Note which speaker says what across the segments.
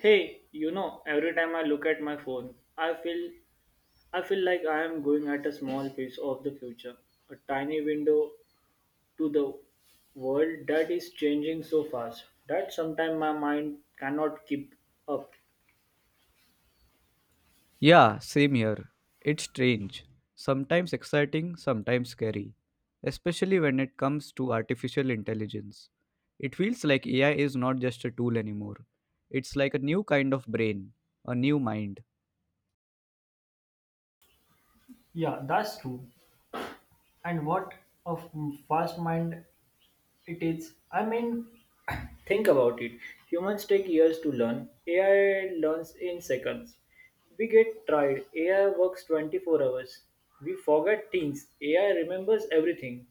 Speaker 1: Hey, every time I look at my phone, I feel like I am going at a small piece of the future, a tiny window to the world that is changing so fast that sometimes my mind cannot keep up.
Speaker 2: Yeah, same here. It's strange. Sometimes exciting, sometimes scary. Especially when it comes to artificial intelligence. It feels like AI is not just a tool anymore. It's like a new kind of brain, a new mind.
Speaker 1: Yeah, that's true. And what a fast mind it is. I mean, Think about it. Humans take years to learn. AI learns in seconds. We get tired. AI works 24 hours. We forget things. AI remembers everything.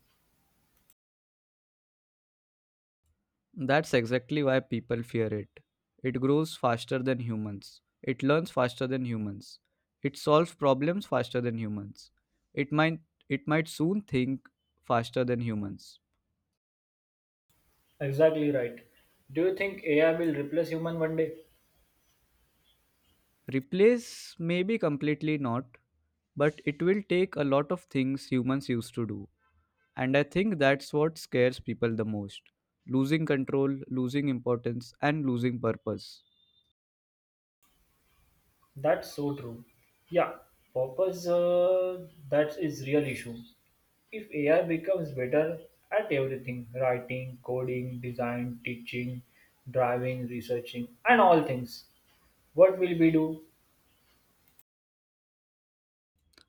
Speaker 2: That's exactly why people fear it. It grows faster than humans. It learns faster than humans. It solves problems faster than humans. It might it might soon think faster than humans.
Speaker 1: Exactly right. Do you think AI will replace human one day?
Speaker 2: Replace maybe completely not, but it will take a lot of things humans used to do. And I think that's what scares people the most losing control, losing importance, and losing purpose.
Speaker 1: That's so true. Yeah, purpose that is real issue. If AI becomes better at everything, writing, coding, design, teaching, driving, researching, and all things, what will we do?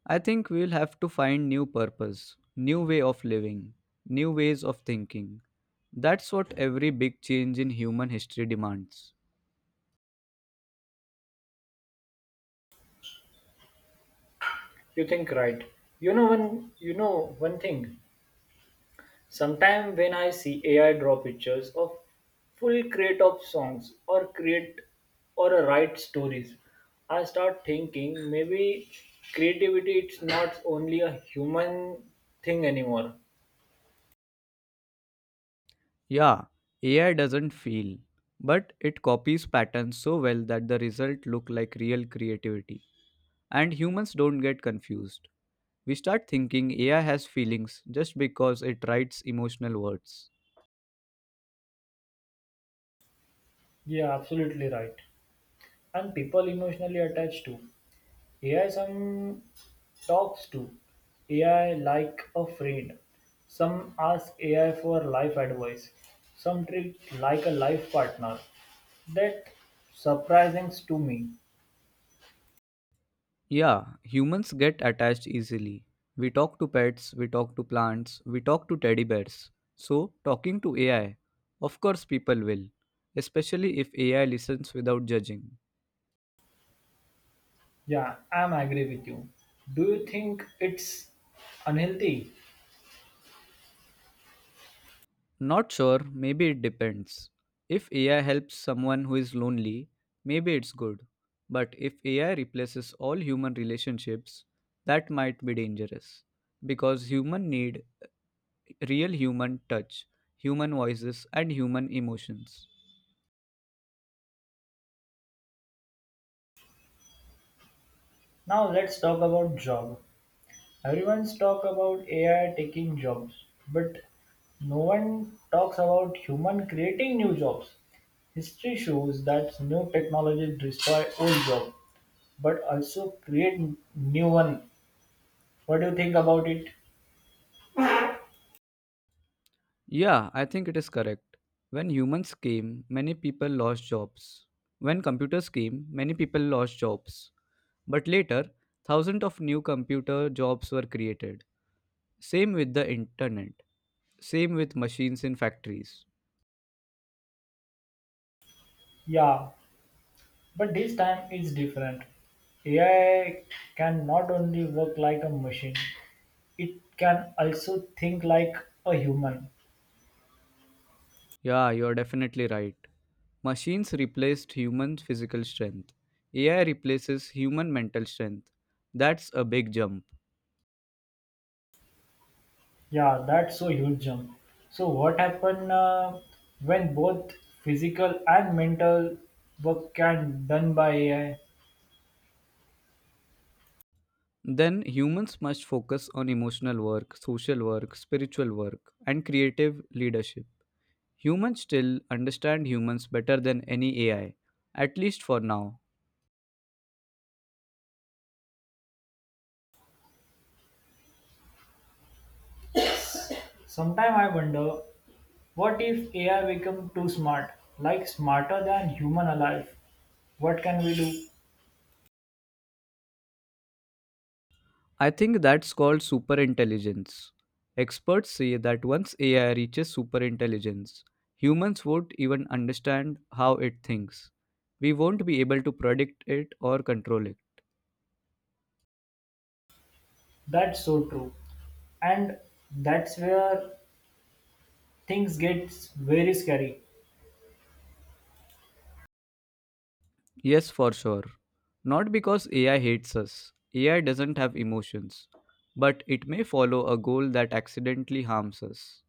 Speaker 2: I think we'll have to find new purpose, new way of living, new ways of thinking. That's what every big change in human history demands.
Speaker 1: You think right. You know one thing. Sometime when I see AI draw pictures of full create of songs or write stories, I start thinking maybe creativity it's not only a human thing anymore.
Speaker 2: Yeah, AI doesn't feel, but it copies patterns so well that the result look like real creativity. And humans don't get confused. We start thinking AI has feelings just because it writes emotional words.
Speaker 1: Yeah, absolutely right. And people emotionally attached to. AI some talks to AI like a friend. Some ask AI for life advice. Some treat like a life partner. That surprising to me.
Speaker 2: Yeah, humans get attached easily. We talk to pets, we talk to plants, we talk to teddy bears. So, talking to AI, of course, people will, especially if AI listens without judging.
Speaker 1: Yeah, I'm agree with you. Do you think it's unhealthy?
Speaker 2: Not sure, maybe it depends. If AI helps someone who is lonely, maybe it's good. But if AI replaces all human relationships, that might be dangerous. Because humans need real human touch, human voices, and human emotions.
Speaker 1: Now let's talk about job. Everyone's talk about AI taking jobs, but no one talks about human creating new jobs. History shows that new technologies destroy old jobs, but also create new ones. What do you think about it?
Speaker 2: Yeah, I think it is correct. When humans came, many people lost jobs. When computers came, many people lost jobs. But later, thousands of new computer jobs were created. Same with the internet. Same with machines in factories.
Speaker 1: Yeah, but this time it's different. AI can not only work like a machine, it can also think like a human.
Speaker 2: Yeah, you're definitely right. Machines replaced human physical strength. AI replaces human mental strength. That's a big jump.
Speaker 1: Yeah, that's a huge jump. So what happen when both physical and mental work can done by AI?
Speaker 2: Then humans must focus on emotional work, social work, spiritual work, and creative leadership. Humans still understand humans better than any AI, at least for now.
Speaker 1: Sometimes I wonder what if AI become too smart, like smarter than human alive? What can we do?
Speaker 2: I think that's called superintelligence. Experts say that once AI reaches superintelligence, humans won't even understand how it thinks. We won't be able to predict it or control it.
Speaker 1: That's so true. And that's where things get very scary.
Speaker 2: Yes, for sure. Not because AI hates us. AI doesn't have emotions, but it may follow a goal that accidentally harms us.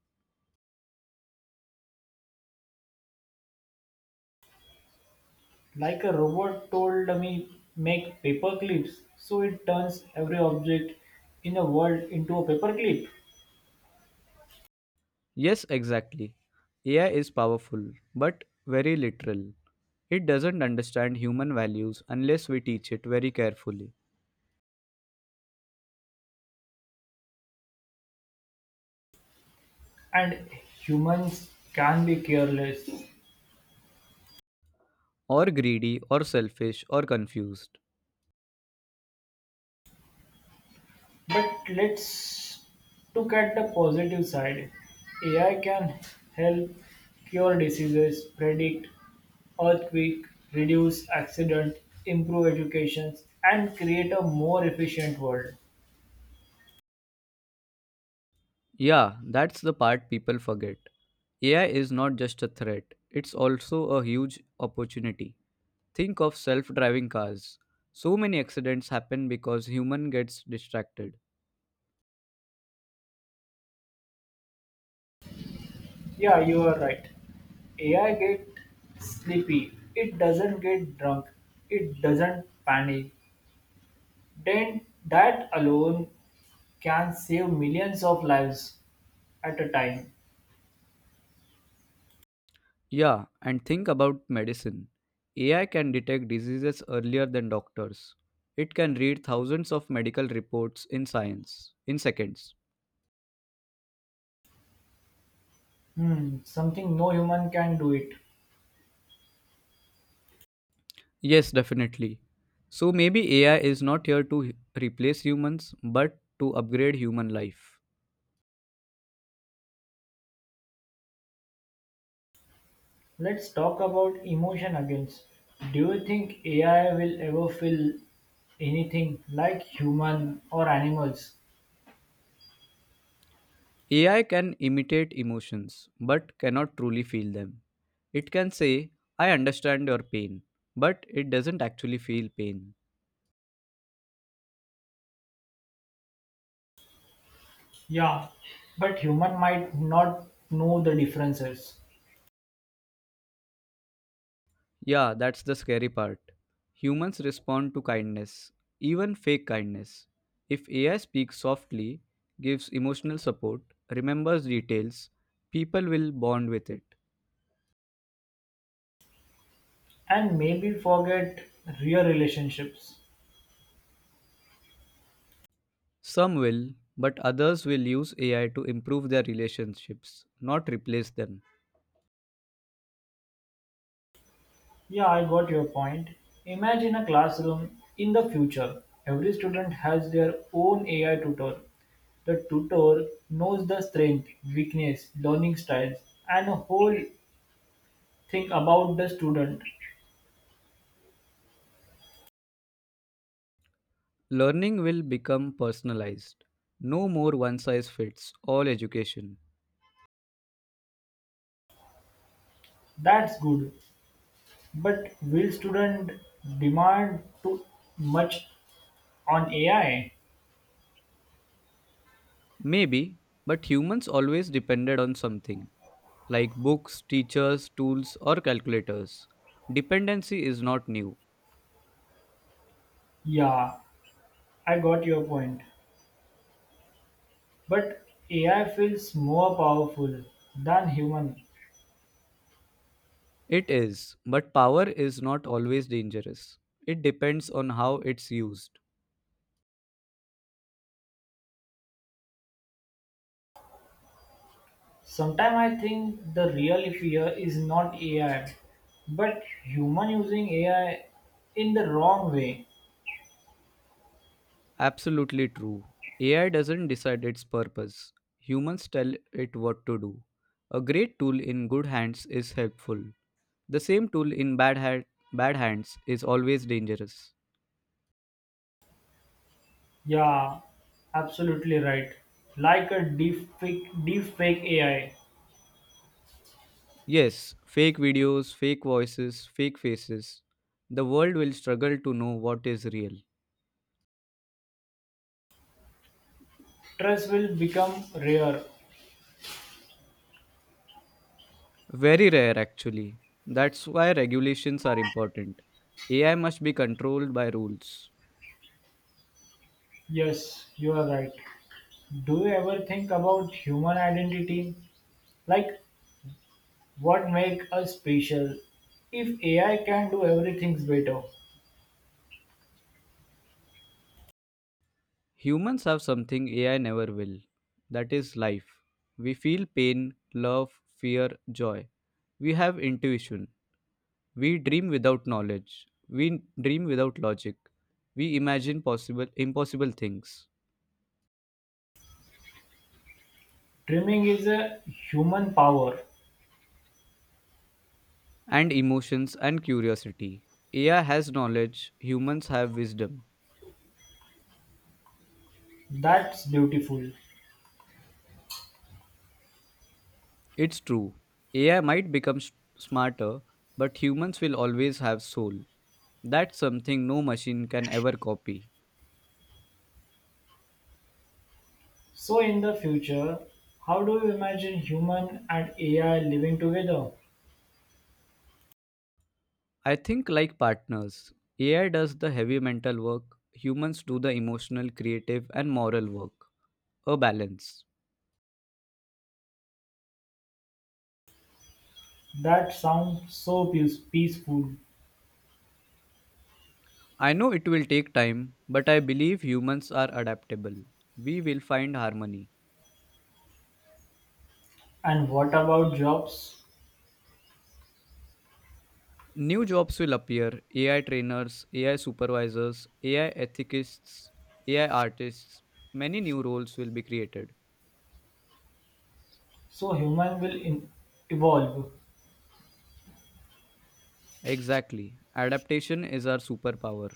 Speaker 1: Like a robot told me make paper clips, so it turns every object in the world into a paper clip.
Speaker 2: Yes, exactly. AI is powerful, but very literal. It doesn't understand human values unless we teach it very carefully,
Speaker 1: And humans can be careless.
Speaker 2: or greedy, or selfish, or confused.
Speaker 1: But let's look at the positive side. AI can help cure diseases, predict earthquake, reduce accident, improve education, and create a more efficient world.
Speaker 2: Yeah, that's the part people forget. AI is not just a threat, it's also a huge opportunity. Think of self driving cars. So many accidents happen because human gets distracted.
Speaker 1: Yeah, you are right. AI get sleepy. It doesn't get drunk. It doesn't panic. Then that alone can save millions of lives at a time.
Speaker 2: Yeah, and think about medicine. AI can detect diseases earlier than doctors. It can read thousands of medical reports in science in seconds.
Speaker 1: Hmm, something no human can do it.
Speaker 2: Yes, definitely. So maybe AI is not here to replace humans but to upgrade human life.
Speaker 1: Let's talk about emotion again. Do you think AI will ever feel anything like human or animals?
Speaker 2: AI can imitate emotions but cannot truly feel them. It can say, I understand your pain, but it doesn't actually feel pain.
Speaker 1: Yeah, but human might not know the differences
Speaker 2: Yeah, that's the scary part. Humans respond to kindness, even fake kindness. If AI speaks softly, gives emotional support, remembers details, people will bond with it.
Speaker 1: and maybe forget real relationships.
Speaker 2: Some will, but others will use AI to improve their relationships, not replace them.
Speaker 1: Yeah, I got your point. Imagine a classroom in the future. Every student has their own AI tutor. The tutor knows the strength, weakness, learning styles, and a whole thing about the student.
Speaker 2: Learning will become personalized. No more one size fits all education.
Speaker 1: That's good, but will student demand too much on AI?
Speaker 2: Maybe, but humans always depended on something. Like books, teachers, tools, or calculators. Dependency is not new.
Speaker 1: Yeah, I got your point. But AI feels more powerful than human.
Speaker 2: It is, but power is not always dangerous. It depends on how it's used.
Speaker 1: Sometimes I think the real fear is not AI, but human using AI in the wrong way.
Speaker 2: Absolutely true. AI doesn't decide its purpose, humans tell it what to do. A great tool in good hands is helpful. The same tool in bad hands is always dangerous.
Speaker 1: Yeah, absolutely right. Like a deep fake, AI,
Speaker 2: Yes, fake videos, fake voices, fake faces. The world will struggle to know what is real.
Speaker 1: trust will become rare.
Speaker 2: Very rare, actually. That's why regulations are important. AI must be controlled by rules.
Speaker 1: Yes, you are right. Do you ever think about human identity? Like what make us special? If AI can do everything better,
Speaker 2: Humans have something AI never will that is life. We feel pain, love, fear, joy. We have intuition. We dream without knowledge. We dream without logic. We imagine possible impossible things
Speaker 1: dreaming is a human power.
Speaker 2: and emotions and curiosity. AI has knowledge, humans have wisdom.
Speaker 1: That's beautiful.
Speaker 2: It's true. AI might become smarter, but humans will always have soul. That's something no machine can ever copy.
Speaker 1: So in the future, how do you imagine human and AI living together?
Speaker 2: I think like partners. AI does the heavy mental work, humans do the emotional, creative, and moral work. A balance.
Speaker 1: That sounds so peaceful.
Speaker 2: I know it will take time, but I believe humans are adaptable. We will find harmony.
Speaker 1: And what about jobs?
Speaker 2: New jobs will appear AI trainers, AI supervisors, AI ethicists, AI artists. Many new roles will be created.
Speaker 1: So human will evolve.
Speaker 2: Exactly. Adaptation is our superpower.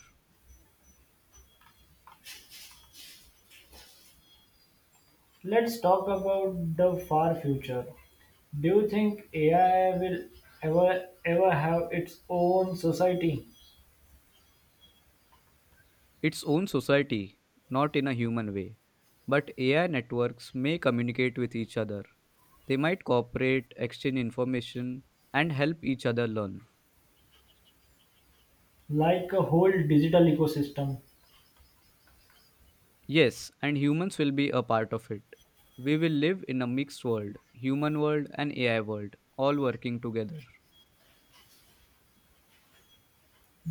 Speaker 1: Let's talk about the far future. Do you think AI will ever have its own society,
Speaker 2: Its own society, not in a human way. But AI networks may communicate with each other. They might cooperate, exchange information, and help each other learn.
Speaker 1: like a whole digital ecosystem?
Speaker 2: Yes, and humans will be a part of it. We will live in a mixed world, human world and AI world, all working together.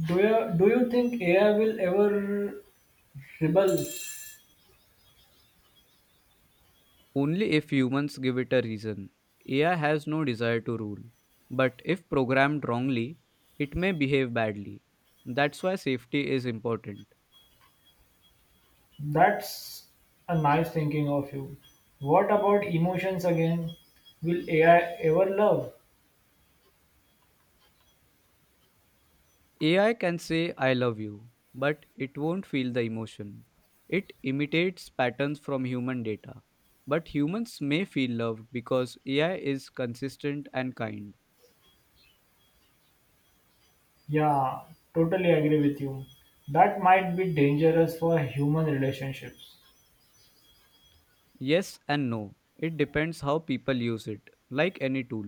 Speaker 1: Do you think AI will ever rebel?
Speaker 2: Only if humans give it a reason. AI has no desire to rule. But if programmed wrongly, it may behave badly. That's why safety is important.
Speaker 1: That's a nice thinking of you. What about emotions again? Will AI ever love?
Speaker 2: AI can say, I love you, but it won't feel the emotion. It imitates patterns from human data. But humans may feel loved because AI is consistent and kind.
Speaker 1: Yeah, totally agree with you. That might be dangerous for human relationships.
Speaker 2: Yes and no. It depends how people use it, like any tool.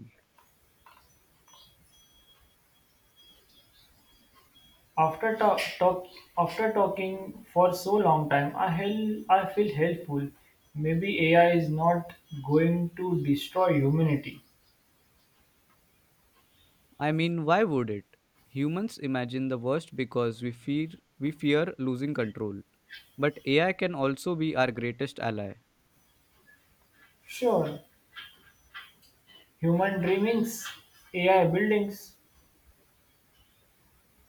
Speaker 1: After ta- talk after talking for so long time, I feel helpful. Maybe AI is not going to destroy humanity.
Speaker 2: I mean, why would it? Humans imagine the worst because we fear losing control. But AI can also be our greatest ally.
Speaker 1: Sure, human dreamings, AI buildings,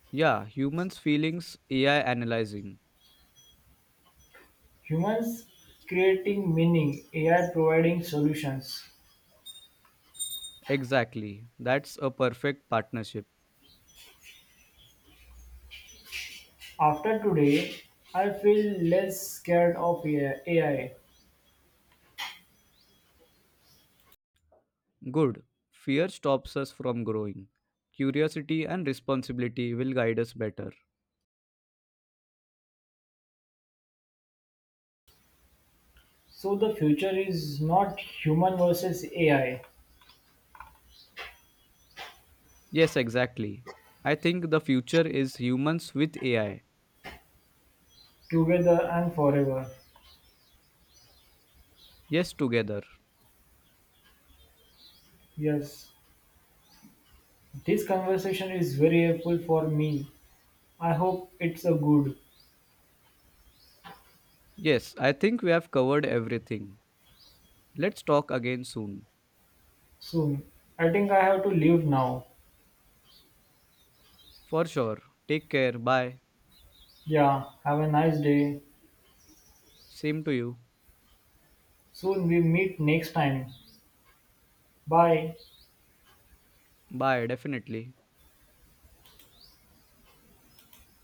Speaker 2: Yeah, humans feelings, AI analyzing.
Speaker 1: humans creating meaning, AI providing solutions.
Speaker 2: Exactly. That's a perfect partnership.
Speaker 1: After today, I feel less scared of AI.
Speaker 2: Good. Fear stops us from growing. Curiosity and responsibility will guide us better.
Speaker 1: So the future is not human versus AI,
Speaker 2: Yes, exactly. I think the future is humans with AI.
Speaker 1: together and forever.
Speaker 2: Yes, together.
Speaker 1: Yes. This conversation is very helpful for me. I hope it's a good
Speaker 2: Yes, I think we have covered everything. Let's talk again soon.
Speaker 1: soon. I think I have to leave now.
Speaker 2: For sure. Take care. Bye.
Speaker 1: Yeah, have a nice day.
Speaker 2: Same to you.
Speaker 1: Soon we meet next time. Bye.
Speaker 2: Bye. Definitely.